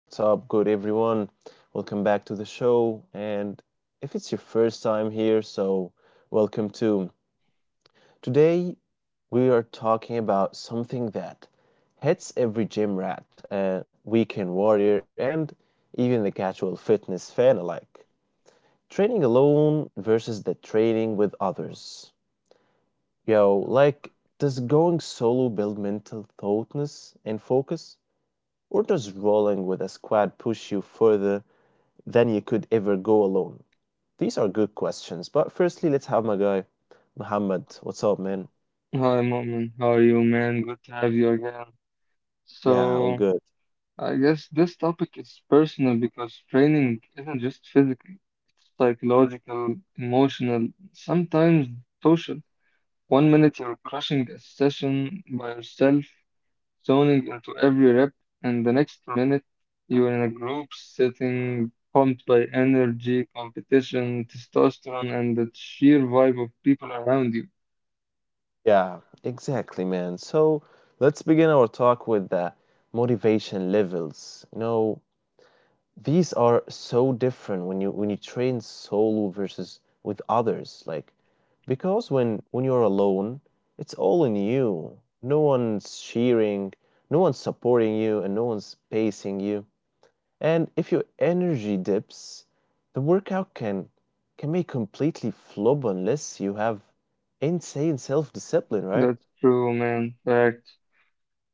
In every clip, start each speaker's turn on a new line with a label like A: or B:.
A: What's up, good everyone? Welcome back to the show. And if it's your first time here, welcome too. Today, we are talking about something that hits every gym rat, weekend warrior, and even the casual fitness fan alike. Training alone versus the training with others. Yo, does going solo build mental toughness and focus? Or does rolling with a squad push you further than you could ever go alone? These are good questions, but firstly, let's have my guy, Muhammad. What's up, man?
B: Hi, Momin. How are you, man? Good to have you again.
A: Yeah, all
B: So,
A: good.
B: I guess this topic is personal because training isn't just physical, it's psychological, emotional, sometimes social. One minute you're crushing a session by yourself, zoning into every rep, and the next minute you're in a group setting, pumped by energy, competition, testosterone, and the sheer vibe of people around you.
A: Yeah, exactly, man. So let's begin our talk with the motivation levels. You know, these are so different when you train solo versus with others, like because when you're alone, it's all in you. No one's cheering, no one's supporting you, and no one's pacing you. And if your energy dips, the workout can be completely flop unless you have insane self-discipline, right?
B: That's true, man. Facts.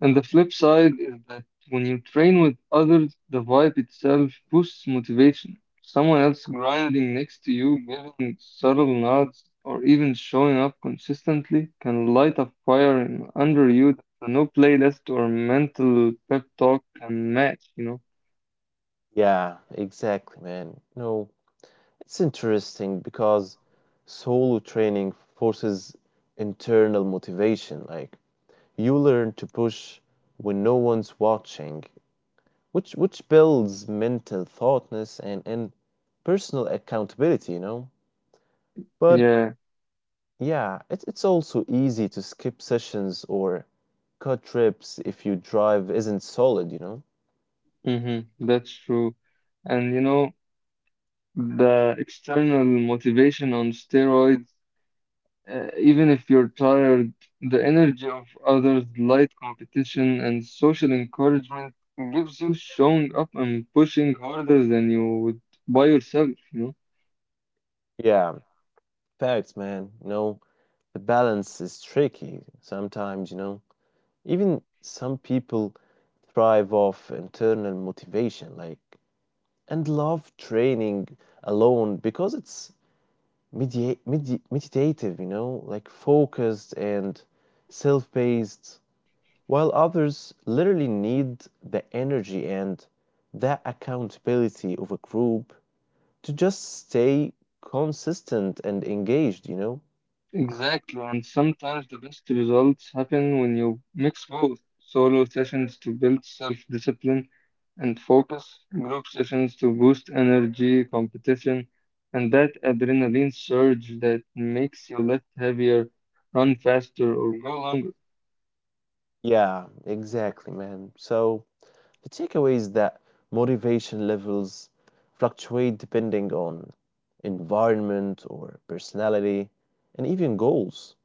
B: And the flip side is that when you train with others, the vibe itself boosts motivation. Someone else grinding next to you, giving subtle nods, or even showing up consistently can light a fire under you that no playlist or mental pep talk can match, you know?
A: Yeah, exactly, man. No, it's interesting because solo training forces internal motivation. Like, you learn to push when no one's watching, which builds mental thoughtness and personal accountability, you know? But
B: Yeah,
A: yeah, it's also easy to skip sessions or cut trips if your drive isn't solid, you know?
B: hmm, that's true. And you know, the external motivation on steroids. Even if you're tired, the energy of others, light competition, and social encouragement gives you showing up and pushing harder than you would by yourself, you know?
A: Yeah, facts, man. You know, the balance is tricky sometimes, you know? Even some people thrive off internal motivation, like, and love training alone because it's meditative, you know, like focused and self paced, while others literally need the energy and that accountability of a group to just stay consistent and engaged, you know?
B: Exactly, and sometimes the best results happen when you mix both solo sessions to build self-discipline and focus, group sessions to boost energy, competition, and that adrenaline surge that makes you lift heavier, run faster, or go longer.
A: Yeah, exactly, man. So, the takeaway is that motivation levels fluctuate depending on environment or personality and even goals.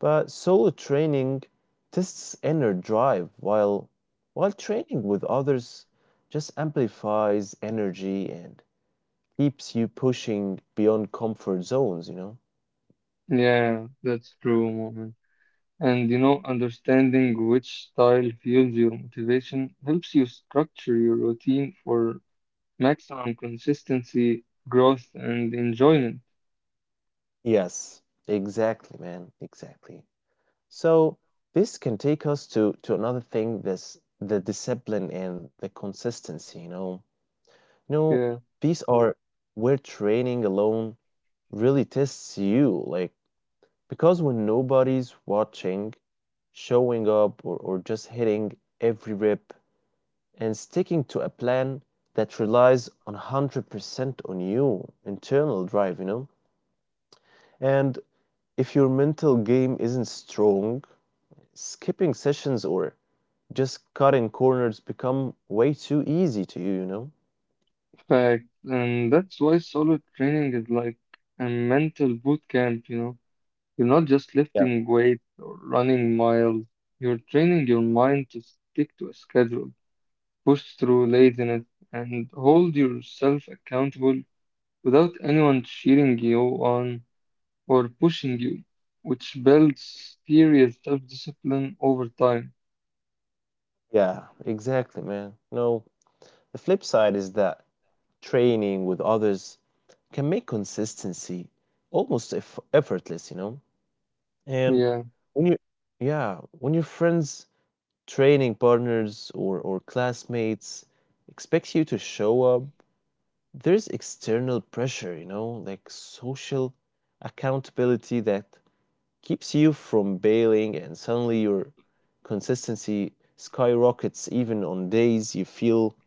A: But solo training tests inner drive, while training with others just amplifies energy and keeps you pushing beyond comfort zones, you know.
B: Yeah, that's true, moment. And you know, understanding which style fuels your motivation helps you structure your routine for maximum consistency, growth, and enjoyment.
A: Yes, exactly, man, exactly. So this can take us to another thing, this the discipline and the consistency, you know. You know,
B: Yeah,
A: these are where training alone really tests you, like, because when nobody's watching, showing up or just hitting every rep and sticking to a plan that relies on 100% on you internal drive, you know. And if your mental game isn't strong, skipping sessions or just cutting corners become way too easy to you, you know.
B: fact. And that's why solo training is like a mental boot camp, you know. You're not just
A: Yeah
B: lifting weights or running miles, you're training your mind to stick to a schedule, push through laziness, and hold yourself accountable without anyone cheering you on or pushing you, which builds serious self-discipline over time.
A: yeah, exactly, man. No, the flip side is that training with others can make consistency almost effortless, you know. And
B: Yeah,
A: when you, yeah, when your friends, training partners, or classmates expect you to show up, there's external pressure, you know, like social accountability that keeps you from bailing, and suddenly your consistency skyrockets even on days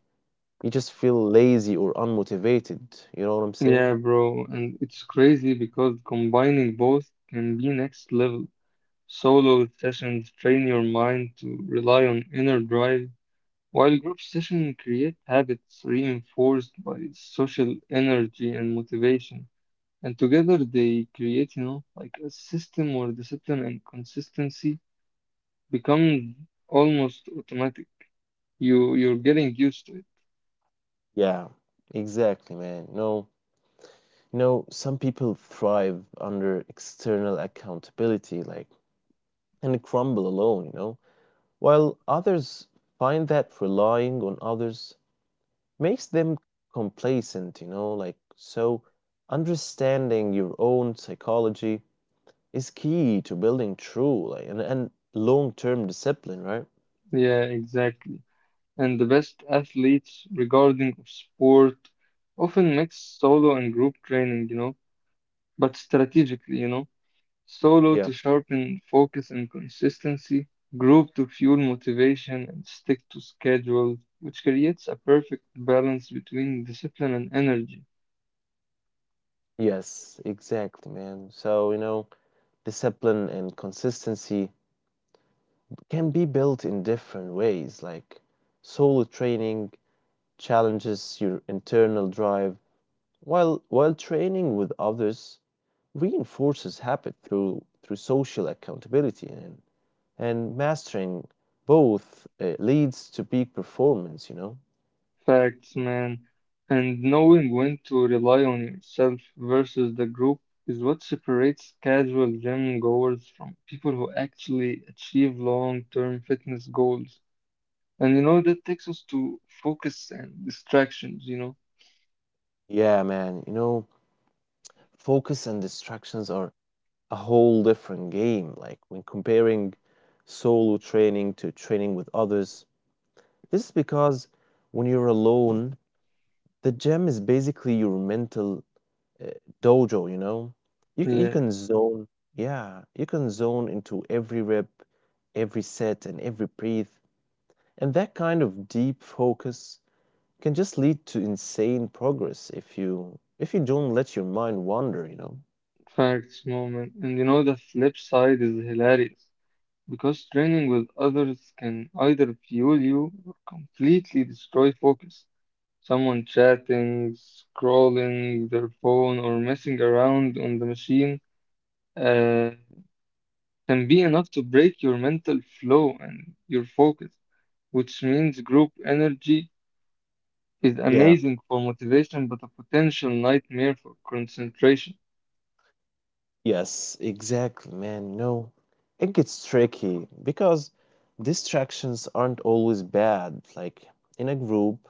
A: you just feel lazy or unmotivated. You know what I'm saying?
B: yeah, bro, and it's crazy because combining both can be next level. Solo sessions train your mind to rely on inner drive, while group sessions create habits reinforced by social energy and motivation. And together they create, you know, like a system where discipline and consistency become almost automatic. You're getting used to it.
A: Yeah, exactly, man. No, no, some people thrive under external accountability, like, and crumble alone, you know, while others find that relying on others makes them complacent, you know, like, so understanding your own psychology is key to building true, like, and long-term discipline, right?
B: Yeah, exactly. And the best athletes regarding of sport often mix solo and group training, you know, but strategically, you know, solo
A: Yeah.
B: to sharpen focus and consistency, group to fuel motivation and stick to schedule, which creates a perfect balance between discipline and energy.
A: Yes, exactly, man. So, you know, discipline and consistency can be built in different ways. Like, solo training challenges your internal drive, while training with others reinforces habit through social accountability and mastering both leads to peak performance, you know.
B: Facts, man. And knowing when to rely on yourself versus the group is what separates casual gym goers from people who actually achieve long-term fitness goals. And you know, that takes us to focus and distractions, you know?
A: Yeah, man, you know, focus and distractions are a whole different game, like when comparing solo training to training with others. This is because when you're alone, the gym is basically your mental uh, dojo, you know? You, c- you
B: Yeah,
A: can zone, yeah, you can zone into every rep, every set, and every breathe. And that kind of deep focus can just lead to insane progress if you don't let your mind wander, you know?
B: facts, moment. And you know, the flip side is hilarious. Because training with others can either fuel you or completely destroy focus. Someone chatting, scrolling their phone, or messing around on the machine uh, can be enough to break your mental flow and your focus, which means group energy is
A: Yeah.
B: amazing for motivation but a potential nightmare for concentration.
A: Yes, exactly, man. No, it gets tricky because distractions aren't always bad. Like, in a group,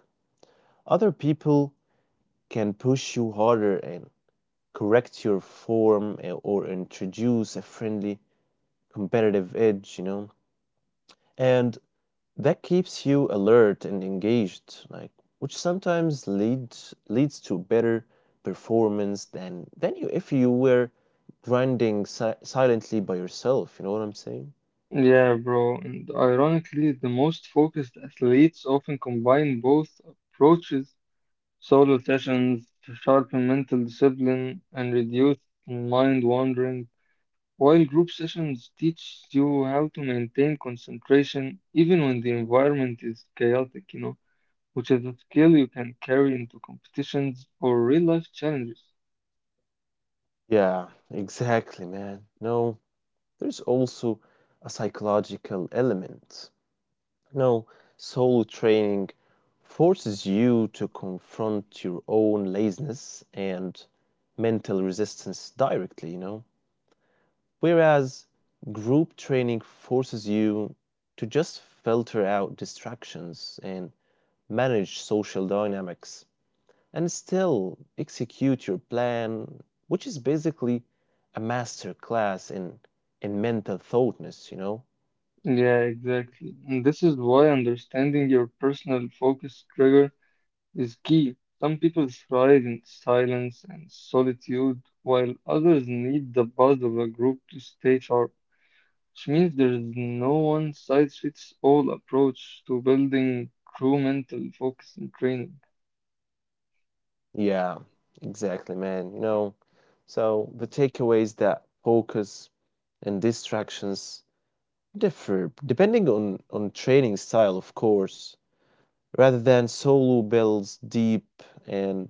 A: other people can push you harder and correct your form, or introduce a friendly competitive edge, you know. And that keeps you alert and engaged, like, which sometimes leads to better performance than you if you were grinding silently by yourself, you know what I'm saying?
B: Yeah, bro, and ironically, the most focused athletes often combine both approaches. Solo sessions sharpen mental discipline and reduce mind wandering, while group sessions teach you how to maintain concentration even when the environment is chaotic, you know, which is a skill you can carry into competitions or real life challenges.
A: Yeah, exactly, man. No, there's also a psychological element. No, soul training forces you to confront your own laziness and mental resistance directly, you know. Whereas group training forces you to just filter out distractions and manage social dynamics and still execute your plan, which is basically a master class in mental thoughtness, you know.
B: Yeah, exactly. And this is why understanding your personal focus trigger is key. Some people thrive in silence and solitude, while others need the buzz of a group to stay sharp, which means there is no one size fits all approach to building true mental focus and training.
A: Yeah, exactly, man. You know, so the takeaways that focus and distractions differ depending on training style, of course, rather than solo builds deep and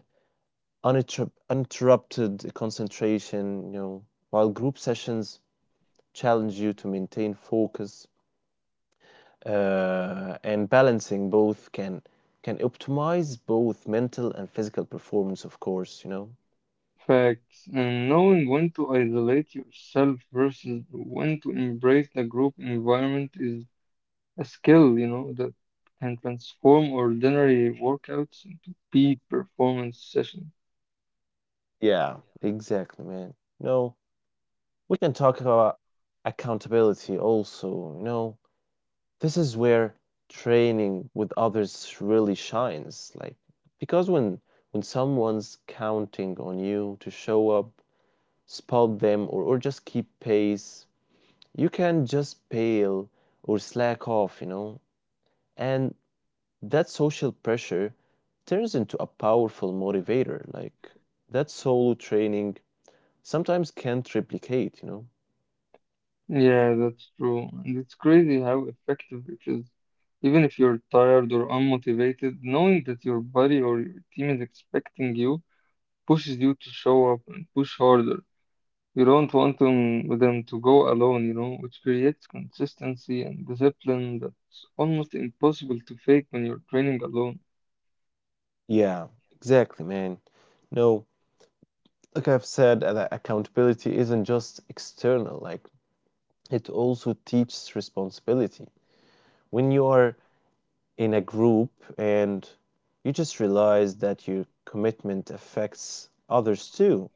A: uninterrupted concentration, you know, while group sessions challenge you to maintain focus, and balancing both can optimize both mental and physical performance, of course, you know.
B: Facts, and knowing when to isolate yourself versus when to embrace the group environment is a skill, you know, that can transform ordinary workouts into peak performance sessions.
A: Yeah, exactly, man. You know, we can talk about accountability also. You know, this is where training with others really shines. Like, because when someone's counting on you to show up, spot them, or just keep pace, you can just pale or slack off, you know? And that social pressure turns into a powerful motivator. Like, that solo training sometimes can't replicate, you know?
B: Yeah, that's true. And it's crazy how effective it is. Even if you're tired or unmotivated, knowing that your body or your team is expecting you pushes you to show up and push harder. You don't want them to go alone, you know, which creates consistency and discipline that's almost impossible to fake when you're training alone.
A: Yeah, exactly, man. No, like I've said, that accountability isn't just external, like, it also teaches responsibility. When you are in a group and you just realize that your commitment affects others too,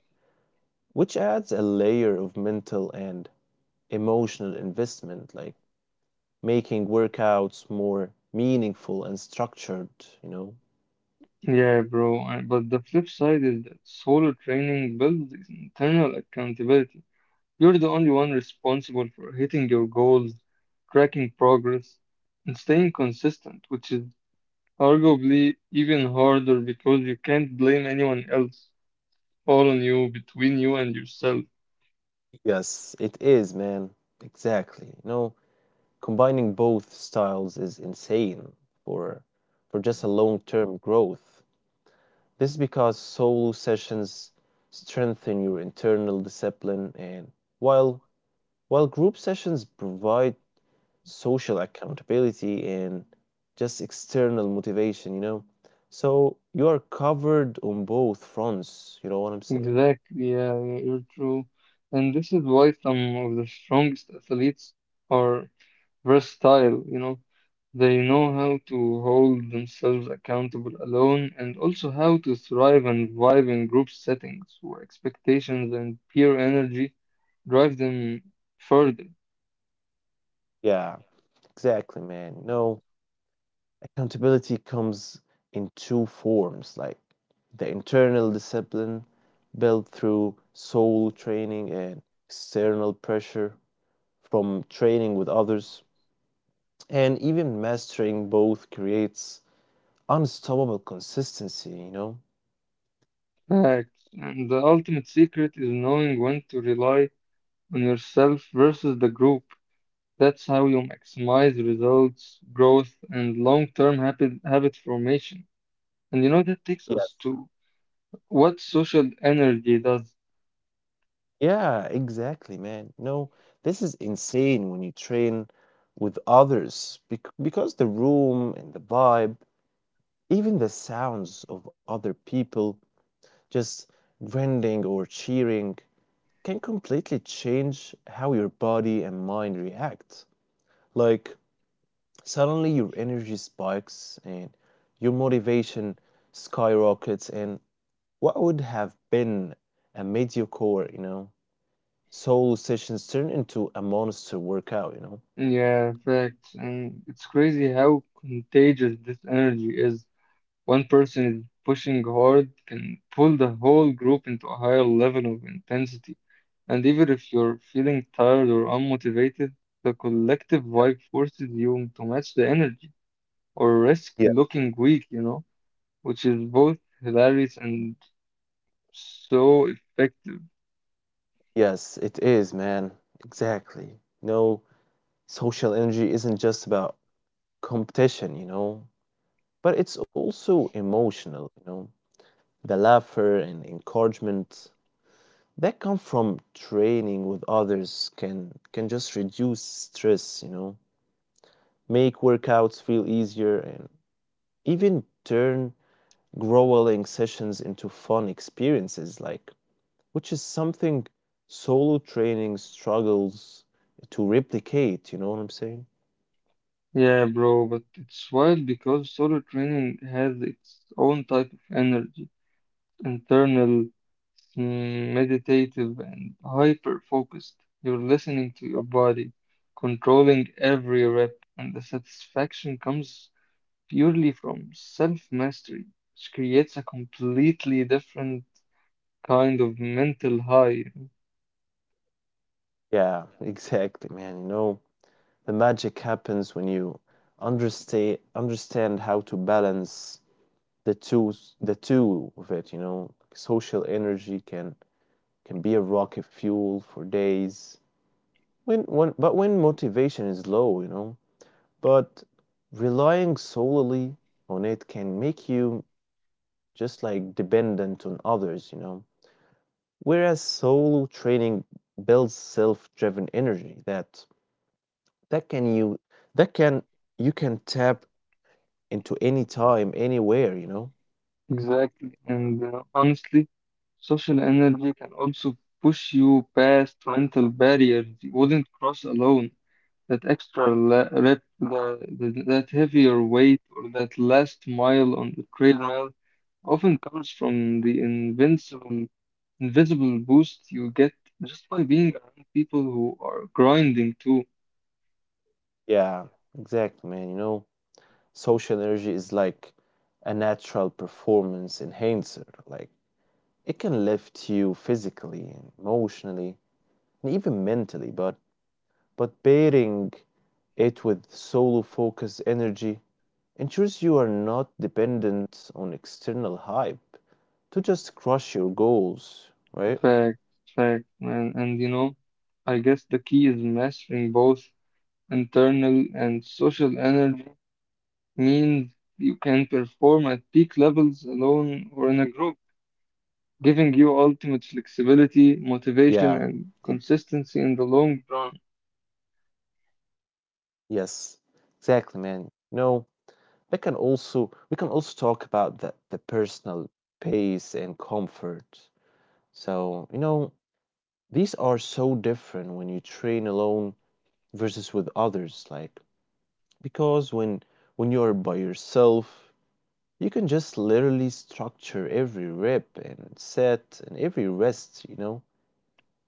A: which adds a layer of mental and emotional investment, like making workouts more meaningful and structured, you know?
B: Yeah, bro, but the flip side is that solo training builds this internal accountability. You're the only one responsible for hitting your goals, tracking progress, and staying consistent, which is arguably even harder because you can't blame anyone else. All on you, between you and yourself.
A: Yes, it is, man. Exactly. You know, combining both styles is insane for just a long-term growth. This is because solo sessions strengthen your internal discipline and while while group sessions provide social accountability and just external motivation, you know. So you are covered on both fronts, you know what I'm saying?
B: Exactly, yeah, you're true. And this is why some of the strongest athletes are versatile, you know. They know how to hold themselves accountable alone and also how to thrive and vibe in group settings where expectations and peer energy drive them further.
A: Yeah, exactly, man. No. Accountability comes in two forms, like the internal discipline built through soul training and external pressure from training with others. And even mastering both creates unstoppable consistency, you know?
B: Facts. And the ultimate secret is knowing when to rely on yourself versus the group. That's how you maximize results, growth, and long-term habit formation. And you know, that takes
A: Yes.
B: us to what social energy does.
A: Yeah, exactly, man. No, this is insane when you train with others because the room and the vibe, even the sounds of other people just grinding or cheering can completely change how your body and mind react. Like, suddenly your energy spikes and your motivation skyrockets, and what would have been a mediocre, you know, solo sessions turn into a monster workout, you know?
B: Yeah, facts. And it's crazy how contagious this energy is. One person is pushing hard can pull the whole group into a higher level of intensity. And even if you're feeling tired or unmotivated, the collective vibe forces you to match the energy or risk
A: Yeah.
B: looking weak, you know? Which is both hilarious and so effective.
A: Yes, it is, man. Exactly. No, social energy isn't just about competition, you know, but it's also emotional, you know. The laughter and encouragement that come from training with others can just reduce stress, you know, make workouts feel easier and even turn grueling sessions into fun experiences, like, which is something solo training struggles to replicate, you know what I'm saying?
B: Yeah, bro, but it's wild because solo training has its own type of energy, internal, meditative, and hyper focused. You're listening to your body, controlling every rep, and the satisfaction comes purely from self mastery, which creates a completely different kind of mental high, you know.
A: Yeah, exactly, man. You know, the magic happens when you understand how to balance the two the two of it, you know. Social energy can be a rocket fuel for days when motivation is low, you know, but relying solely on it can make you just like dependent on others, you know, whereas solo training builds self-driven energy that that can you that can you can tap into any time anywhere, you know.
B: Exactly. And honestly, social energy can also push you past mental barriers you wouldn't cross alone. That extra le rep, that heavier weight, or that last mile on the treadmill often comes from the invincible, invisible boost you get just by being around people who are grinding too.
A: Yeah, exactly, man. You know, social energy is like a natural performance enhancer. Like, it can lift you physically and emotionally and even mentally, but pairing it with solo focused energy ensures you are not dependent on external hype to just crush your goals, right?
B: Fact, Fact, man. And you know, I guess the key is mastering both internal and social energy means you can perform at peak levels alone or in a group, giving you ultimate
A: Yeah,
B: flexibility,
A: ex-
B: motivation, and consistency in the long run.
A: yes, exactly, man. No, we can also talk about the personal pace and comfort. So, you know, these are so different when you train alone versus with others, like because when you're by yourself, you can just literally structure every rep and set and every rest, you know.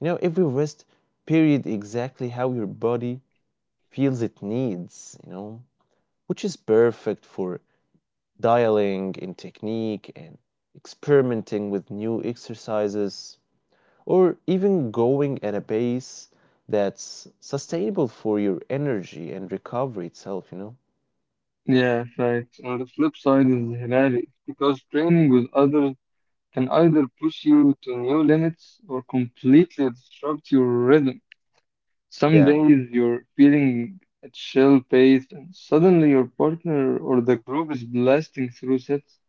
A: You know, every rest period exactly how your body feels it needs, you know, which is perfect for dialing in technique and experimenting with new exercises or even going at a pace that's sustainable for your energy and recovery itself, you know.
B: Yeah, facts. On the flip side is hilarious because training with others can either push you to new limits or completely disrupt your rhythm. Some
A: Yeah.
B: days you're feeling at shell pace, and suddenly your partner or the group is blasting through sets,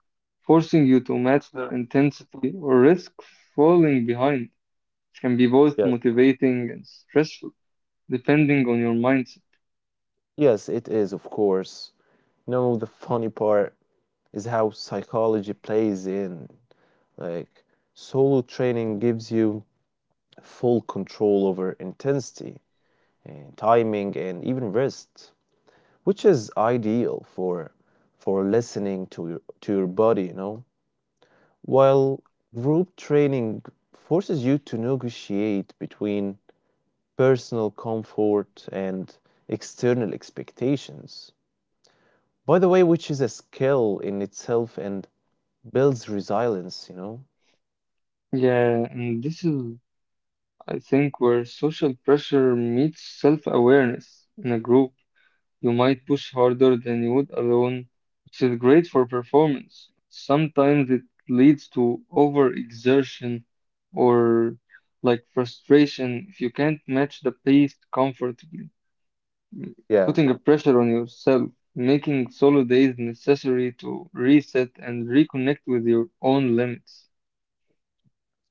B: forcing you to match their intensity or risk falling behind. It can be both
A: Yes.
B: motivating and stressful, depending on your mindset.
A: Yes, it is, of course. You know, the funny part is how psychology plays in. Like, solo training gives you full control over intensity and timing and even rest, which is ideal for listening to your body, you know. While group training forces you to negotiate between personal comfort and external expectations. By the way, which is a skill in itself and builds resilience, you know?
B: Yeah, and this is, I think, where social pressure meets self-awareness in a group. You might push harder than you would alone, which is great for performance. Sometimes it leads to overexertion or like frustration if you can't match the pace comfortably, Mm,
A: Yeah.
B: putting a pressure on yourself, making solo days necessary to reset and reconnect with your own limits.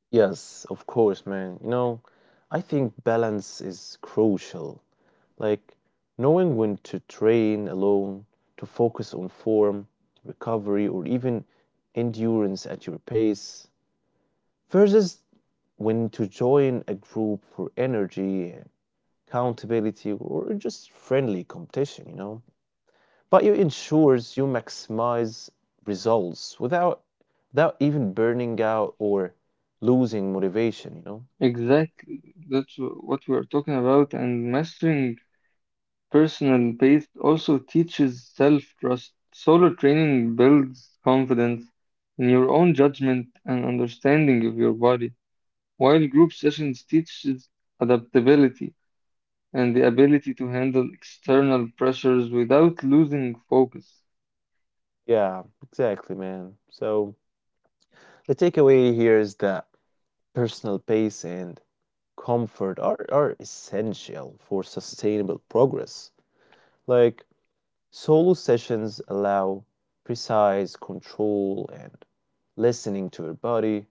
A: Yes, of course, man. You know, I think balance is crucial. Like, knowing when to train alone, to focus on form, recovery, or even endurance at your pace, versus when to join a group for energy, accountability, or just friendly competition, you know. But it ensures you maximize results without even burning out or losing motivation, you know.
B: Exactly. What we are talking about, and mastering personal pace also teaches self-trust. Solo training builds confidence in your own judgment and understanding of your body, while group sessions teaches adaptability and the ability to handle external pressures without losing focus.
A: Yeah, exactly, man. So the takeaway here is that personal pace and comfort are essential for sustainable progress. Like, solo sessions allow precise control and listening to your body,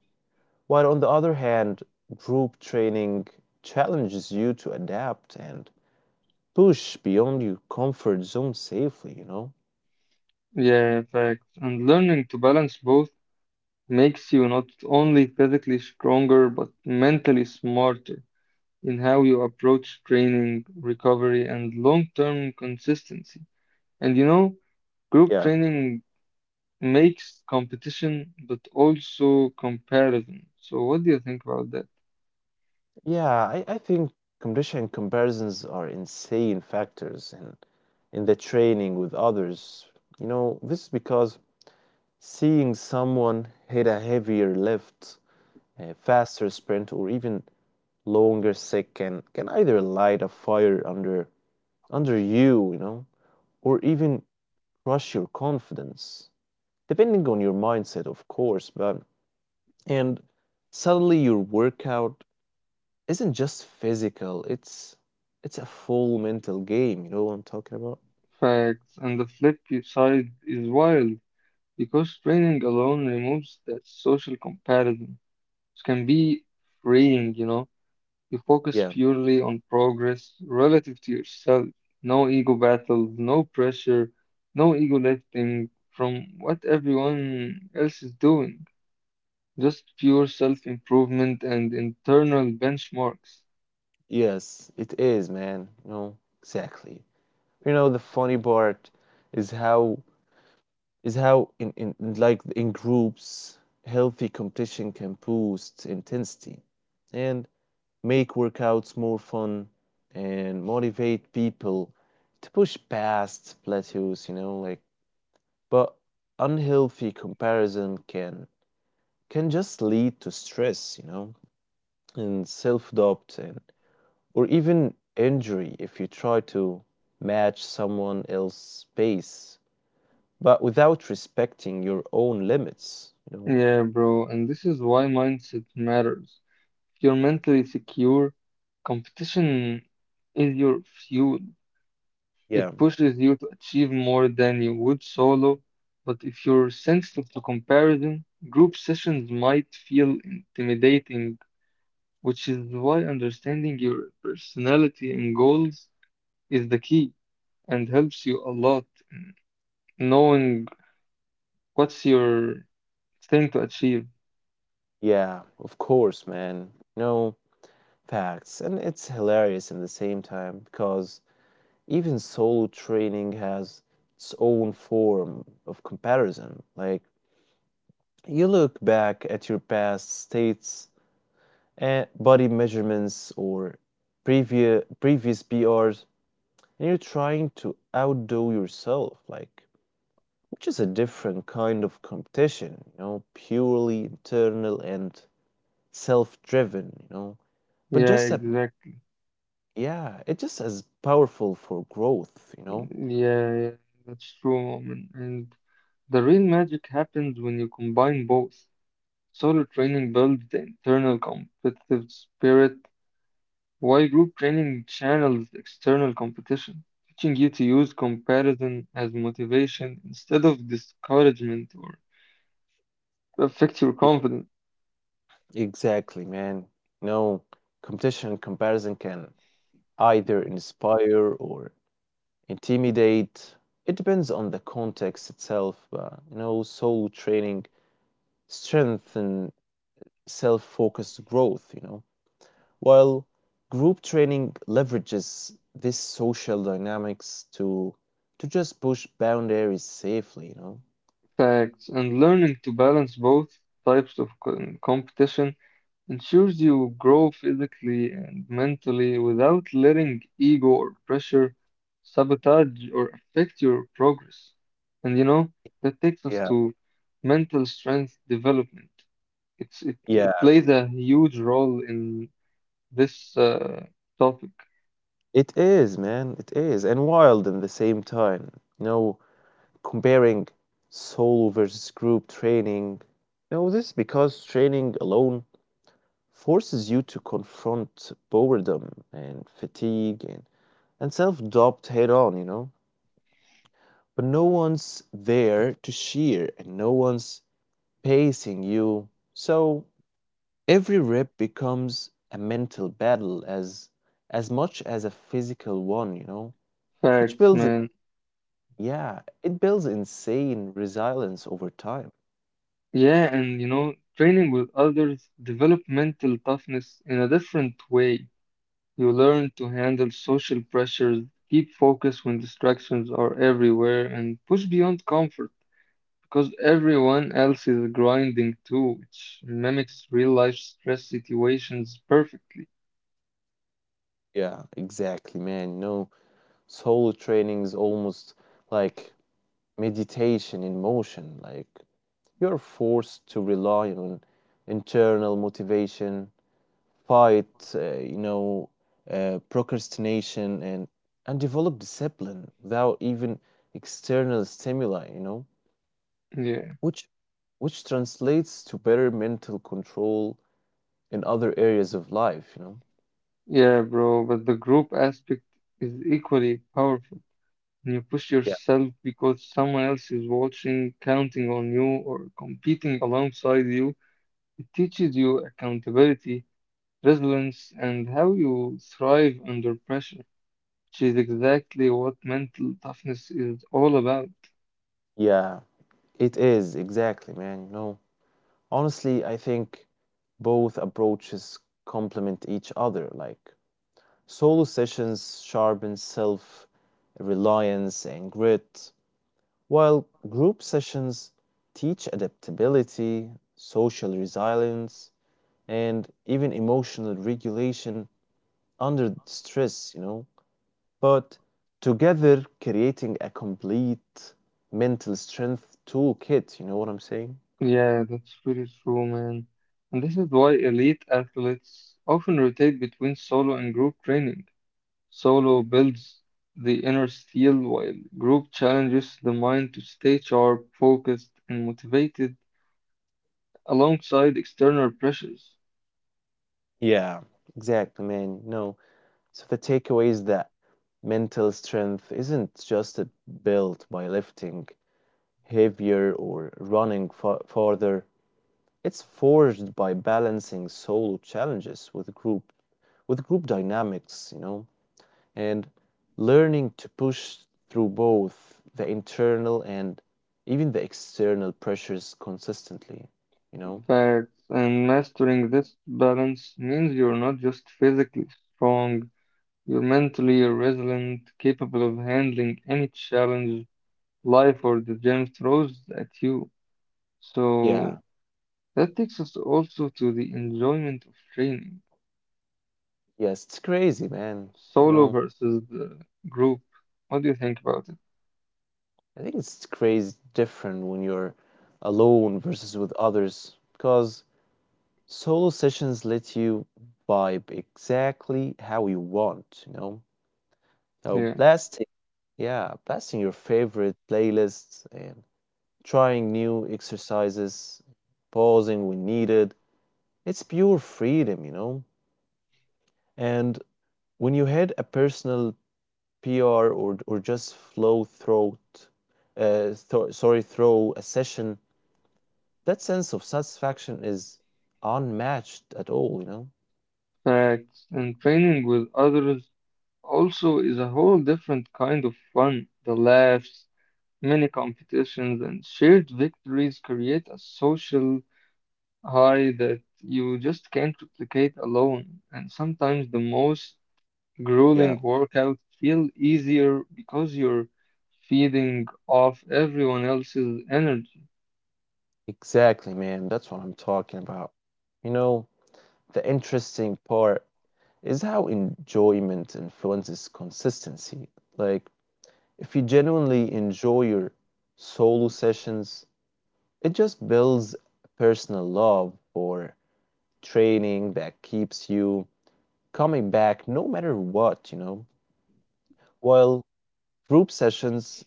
A: while on the other hand, group training challenges you to adapt and push beyond your comfort zone safely, you know?
B: Yeah, fact. And learning to balance both makes you not only physically stronger but mentally smarter in how you approach training, recovery, and long-term consistency. And you know, group
A: Yeah.
B: training makes competition but also comparison. So, what do you think about that?
A: Yeah, I think competition and comparisons are insane factors in the training with others. You know, this is because seeing someone hit a heavier lift, a faster sprint, or even longer set can either light a fire under you, you know, or even crush your confidence, depending on your mindset, of course. But and suddenly your workout isn't just physical. It's a full mental game. You know what I'm talking about?
B: Facts. And the flip side is wild because training alone removes that social comparison, which can be freeing, you know. You focus
A: Yeah.
B: purely on progress relative to yourself. No ego battles, no pressure, no ego lifting from what everyone else is doing. Just pure self improvement and internal benchmarks.
A: Yes, it is, man. No, exactly. You know, the funny part is how in groups, healthy competition can boost intensity and make workouts more fun and motivate people to push past plateaus, you know, like but unhealthy comparison can just lead to stress, you know, and self doubt, and or even injury if you try to match someone else's pace, but without respecting your own limits, you know.
B: Yeah, bro, and this is why mindset matters. If you're mentally secure, competition is your fuel. It
A: Yeah,
B: pushes you to achieve more than you would solo. But if you're sensitive to comparison, group sessions might feel intimidating, which is why understanding your personality and goals is the key and helps you a lot. Knowing what's your thing to achieve.
A: yeah, of course, man. No facts, and it's hilarious in the same time because even solo training has its own form of comparison. Like you look back at your past states and body measurements or previous PRs, and you're trying to outdo yourself, like which is a different kind of competition, you know, purely internal and self-driven, you know. But
B: Yeah,
A: just a
B: exactly.
A: yeah, it's just as powerful for growth, you know.
B: Yeah, that's true, Moment. And the real magic happens when you combine both. Solo training builds the internal competitive spirit, while group training channels the external competition, teaching you to use comparison as motivation instead of discouragement or to affect your
A: Yeah.
B: confidence.
A: Exactly, man. No, competition and comparison can either inspire or intimidate. It depends on the context itself, but you know, soul training strengthen self-focused growth, you know, while group training leverages this social dynamics to just push boundaries safely, you know.
B: Facts, and learning to balance both types of competition ensures you grow physically and mentally without letting ego or pressure sabotage or affect your progress. And you know, that takes us
A: Yeah,
B: to mental strength development.
A: yeah,
B: It plays a huge role in this topic.
A: it is, man. It is, and wild in the same time. You know, comparing solo versus group training. You know, this is because training alone forces you to confront boredom and fatigue and self doubt head on, you know? But no one's there to cheer and no one's pacing you. So every rep becomes a mental battle as much as a physical one, you know? Which
B: Facts,
A: builds it
B: man.
A: yeah, it builds insane resilience over time.
B: Yeah, and you know, training with others develop mental toughness in a different way. You learn to handle social pressures, keep focus when distractions are everywhere, and push beyond comfort because everyone else is grinding too, which mimics real life stress situations perfectly.
A: Yeah, exactly, man. No solo training is almost like meditation in motion. Like you're forced to rely on internal motivation, fight, you know, procrastination, and develop discipline without even external stimuli. You know,
B: Yeah,
A: which which translates to better mental control in other areas of life. You know.
B: yeah, bro, but the group aspect is equally powerful. When you push
A: Yeah.
B: yourself because someone else is watching, counting on you, or competing alongside you, it teaches you accountability, resilience, and how you thrive under pressure. She's exactly what mental toughness is all about.
A: Yeah, it is exactly, man. You know, honestly, I think both approaches complement each other. Like solo sessions sharpen self reliance and grit, while group sessions teach adaptability, social resilience, and even emotional regulation under stress, you know. But together, creating a complete mental strength toolkit, you know what I'm saying?
B: Yeah, that's pretty true, man. And this is why elite athletes often rotate between solo and group training. Solo builds the inner steel, while group challenges the mind to stay sharp, focused, and motivated alongside external pressures.
A: Yeah, exactly, man. No. So the takeaway is that mental strength isn't just built by lifting heavier or running fa- farther. It's forged by balancing solo challenges with group dynamics, you know, and learning to push through both the internal and even the external pressures consistently, you know.
B: Facts, and mastering this balance means you're not just physically strong. You're mentally resilient, capable of handling any challenge life or the gym throws at you. So
A: Yeah.
B: that takes us also to the enjoyment of training,
A: Yes, it's crazy, man. You
B: solo
A: know,
B: versus the group. What do you think about it?
A: I think it's crazy different when you're alone versus with others because solo sessions let you vibe exactly how you want, you know. So
B: Yeah,
A: blasting, yeah, blasting your favorite playlists and trying new exercises, pausing when needed. It's pure freedom, you know. And when you had a personal PR or just flow throat, thro sorry, throw a session, that sense of satisfaction is unmatched at all, you know.
B: facts. And training with others also is a whole different kind of fun. The laughs, mini competitions, and shared victories create a social high that you just can't replicate alone. And sometimes the most
A: Yeah.
B: grueling workouts feel easier because you're feeding off everyone else's energy.
A: Exactly, man. That's what I'm talking about. You know, the interesting part is how enjoyment influences consistency. Like, if you genuinely enjoy your solo sessions, it just builds personal love for training that keeps you coming back no matter what, you know. While group sessions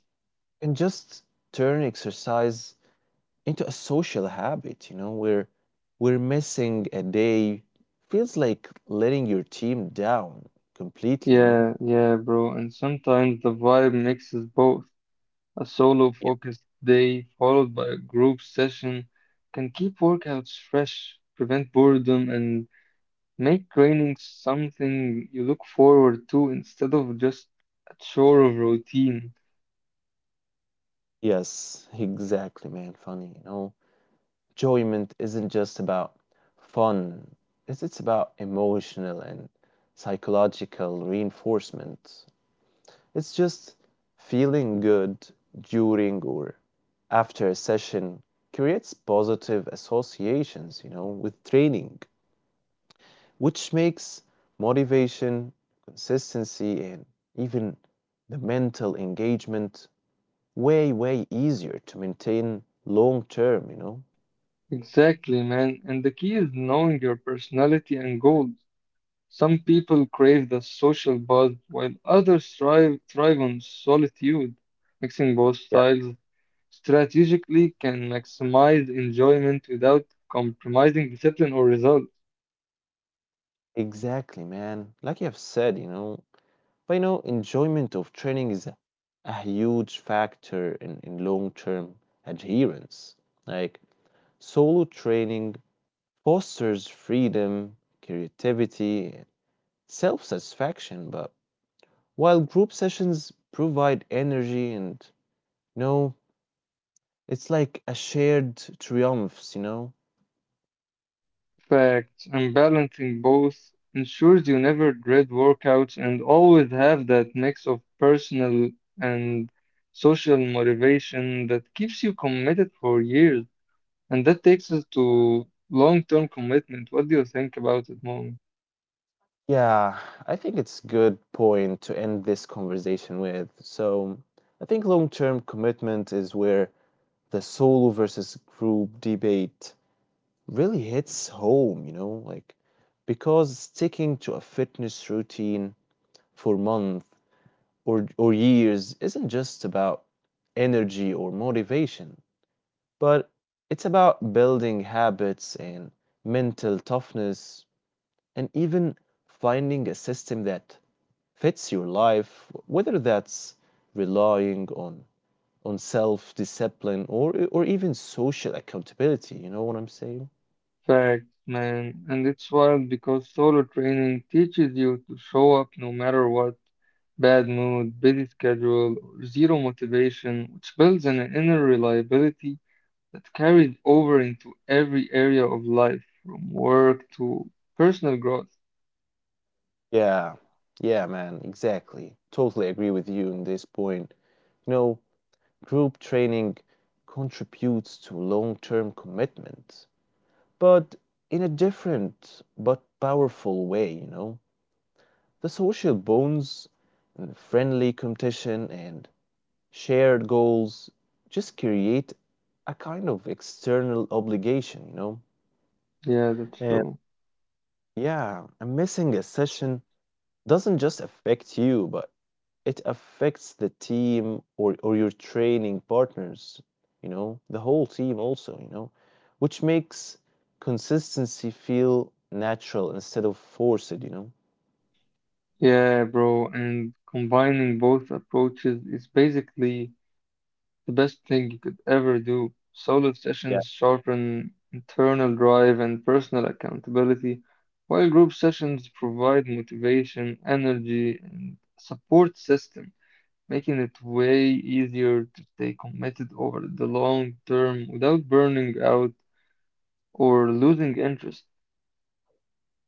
A: can just turn exercise into a social habit, you know, where we're missing a day feels like letting your team down completely, you know?
B: Yeah, yeah, bro. And sometimes the vibe mixes both. A solo
A: Yeah.
B: focused day followed by a group session can keep workouts fresh, prevent boredom, and make training something you look forward to instead of just a chore of routine.
A: Yes, exactly, man. Funny, you know. Enjoyment isn't just about fun. It's about emotional and psychological reinforcement. It's just feeling good during or after a session creates positive associations, you know, with training, which makes motivation, consistency, and even the mental engagement way easier to maintain long term, you know?
B: Exactly, man. And the key is knowing your personality and goals. Some people crave the social buzz, while others thrive on solitude. Mixing both
A: Yeah.
B: styles strategically can maximize enjoyment without compromising discipline or results.
A: Exactly, man. Like you have said, you know, but you know, enjoyment of training is a huge factor in long term adherence. Like solo training fosters freedom, creativity, and self satisfaction, but while group sessions provide energy and you know it's like a shared triumphs, you know.
B: Facts, and balancing both ensures you never dread workouts and always have that mix of personal and social motivation that keeps you committed for years. And that takes us to long-term commitment. What do you think about it, Mom?
A: Yeah, I think it's good point to end this conversation with. So I think long-term commitment is where the solo versus group debate really hits home, you know, like because sticking to a fitness routine for months or years isn't just about energy or motivation. But it's about building habits and mental toughness and even finding a system that fits your life, whether that's relying on self-discipline or even social accountability, you know what I'm saying?
B: Fact, man. And it's wild because solo training teaches you to show up no matter what. Bad mood, busy schedule, or zero motivation, which builds an inner reliability that carries over into every area of life, from work to personal growth.
A: Yeah. Yeah, man, exactly. Totally agree with you on this point. You know, group training contributes to long-term commitment, but in a different but powerful way, you know. The social bonds, and the friendly competition, and shared goals just create a kind of external obligation, you know.
B: Yeah, that's
A: And
B: true.
A: yeah, and missing a session doesn't just affect you, but it affects the team or your training partners, you know, the whole team also, you know, which makes consistency feel natural instead of forced, you know?
B: Yeah, bro. And combining both approaches is basically the best thing you could ever do. Solo
A: Yeah.
B: sessions sharpen internal drive and personal accountability, while group sessions provide motivation, energy, and support system, making it way easier to stay committed over the long term without burning out or losing interest.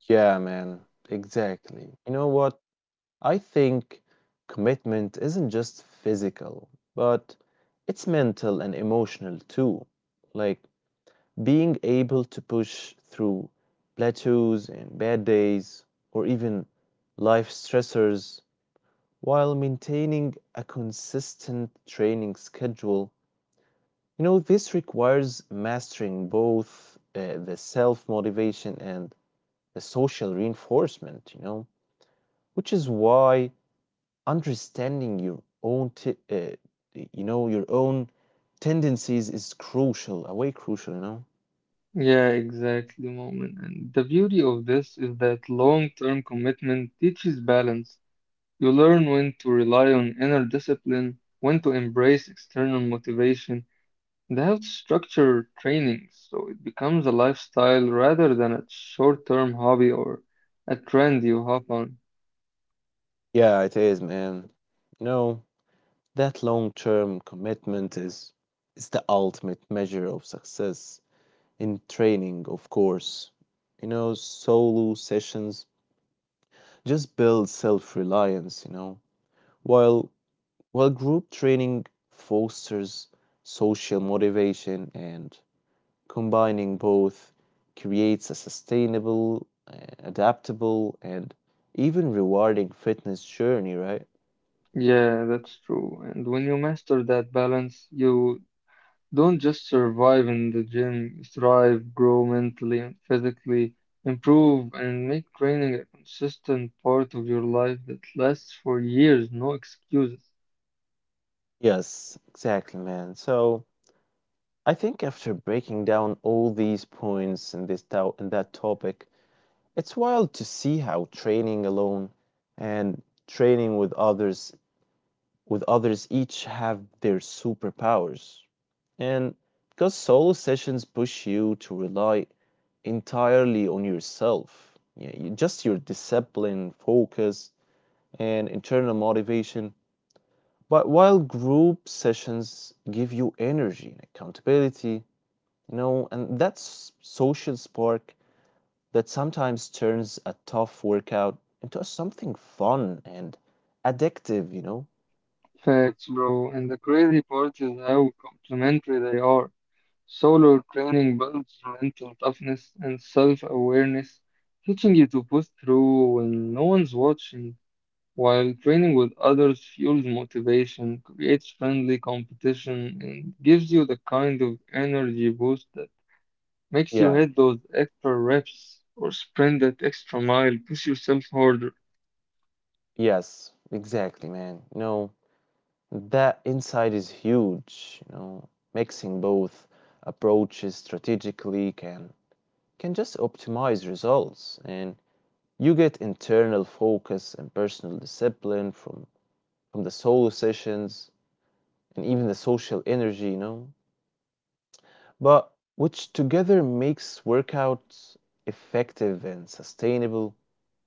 A: Yeah, man. Exactly. You know what? I think commitment isn't just physical, but it's mental and emotional too. Like, being able to push through plateaus and bad days or even life stressors while maintaining a consistent training schedule, you know, this requires mastering both the self motivation and the social reinforcement, you know, which is why understanding your own your own tendencies is crucial, a way crucial, you know.
B: Yeah, exactly, moment. And the beauty of this is that long-term commitment teaches balance. You learn when to rely on inner discipline, when to embrace external motivation, and how to structure training so it becomes a lifestyle rather than a short term hobby or a trend you hop on.
A: Yeah it is, man. You know, that long-term commitment is the ultimate measure of success in training, of course. You know, solo sessions just build self-reliance, you know, while group training fosters social motivation, and combining both creates a sustainable, adaptable, and even rewarding fitness journey, right?
B: Yeah, that's true. And when you master that balance, you don't just survive in the gym, you thrive, grow mentally and physically, improve, and make training a consistent part of your life that lasts for years, no excuses.
A: Yes, exactly, man. So, I think after breaking down all these points in in that topic, it's wild to see how training alone and training with others each have their superpowers. And because solo sessions push you to rely entirely on yourself, yeah, you- just your discipline, focus, and internal motivation. But while group sessions give you energy and accountability, you know, and that s- social spark that sometimes turns a tough workout into something fun and addictive, you know?
B: Facts, bro. And the crazy part is how complementary they are. Solo training builds mental toughness and self-awareness, teaching you to push through when no one's watching, while training with others fuels motivation, creates friendly competition, and gives you the kind of energy boost that makes you
A: Yeah,
B: hit those extra reps or sprint that extra mile, push yourself harder.
A: yes, exactly, man. You know, that insight is huge, you know. Mixing both approaches strategically can just optimize results and you get internal focus and personal discipline from the solo sessions and even the social energy, you know? But which together makes workouts effective and sustainable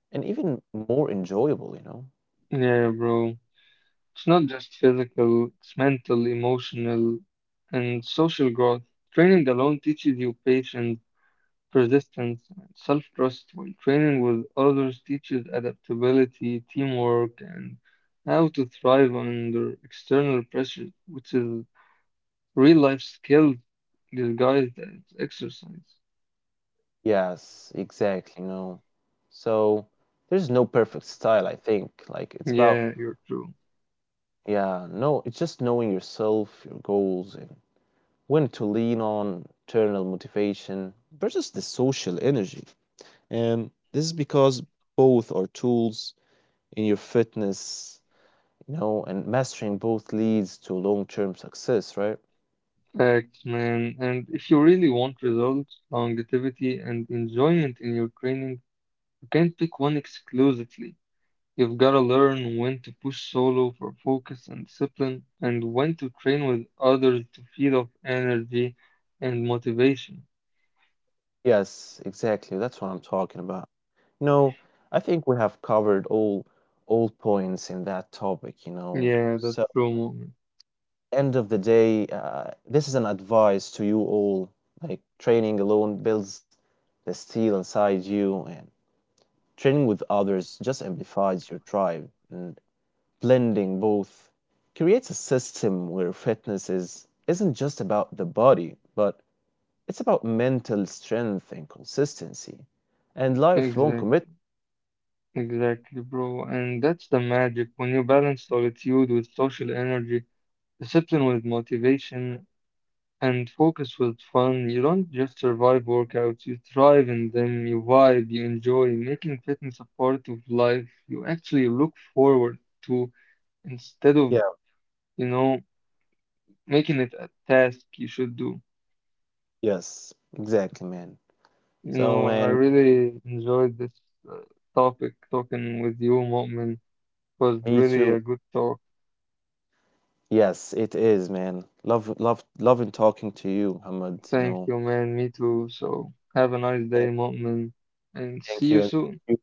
A: and even more enjoyable, you know?
B: Yeah, bro. It's not just physical, it's mental, emotional, and social growth. Training alone teaches you patience, persistence, and self trust, while training with others teaches adaptability, teamwork, and how to thrive under external pressure, which is real life skills disguised as exercise.
A: Yes, exactly, no. So there's no perfect style, I think. Like it's about
B: Yeah, you're true.
A: yeah, no, it's just knowing yourself, your goals, and when to lean on internal motivation versus the social energy. And this is because both are tools in your fitness, you know, and mastering both leads to long-term success, right?
B: Facts, man. And if you really want results, longevity, and enjoyment in your training, you can't pick one exclusively. You've gotta learn when to push solo for focus and discipline, and when to train with others to feed off energy and motivation.
A: Yes, exactly. That's what I'm talking about. No, I think we have covered all points in that topic, you know.
B: Yeah, that's
A: So,
B: true, moment.
A: end of the day, this is an advice to you all. Like training alone builds the steel inside you, and training with others just amplifies your drive. And blending both creates a system where fitness is isn't just about the body, but it's about mental strength and consistency and lifelong commitment.
B: Exactly, exactly, bro. And that's the magic when you balance solitude with social energy, discipline with motivation, and focus with fun. You don't just survive workouts, you thrive in them, you vibe, you enjoy, making fitness a part of life you actually look forward to instead of,
A: Yeah,
B: you know, making it a task you should do.
A: yes, exactly, man.
B: You
A: So,
B: know, I
A: man,
B: really enjoyed this uh, topic talking with you, Mu'min. It was
A: me
B: really
A: too.
B: a good talk.
A: Yes, it is, man. Loving talking to you, Muhammad. You
B: Thank
A: know,
B: you, man. Me too. So have a nice day,
A: and
B: Mu'min, and see
A: thank
B: you
A: you, and
B: soon.
A: thank you.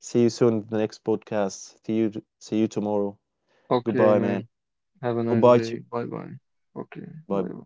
A: See you soon in the next podcast. See you tomorrow.
B: Okay,
A: Goodbye, man.
B: man. Have a nice
A: Goodbye to
B: day.
A: you.
B: Bye bye. Okay. Bye
A: Bye.
B: bye.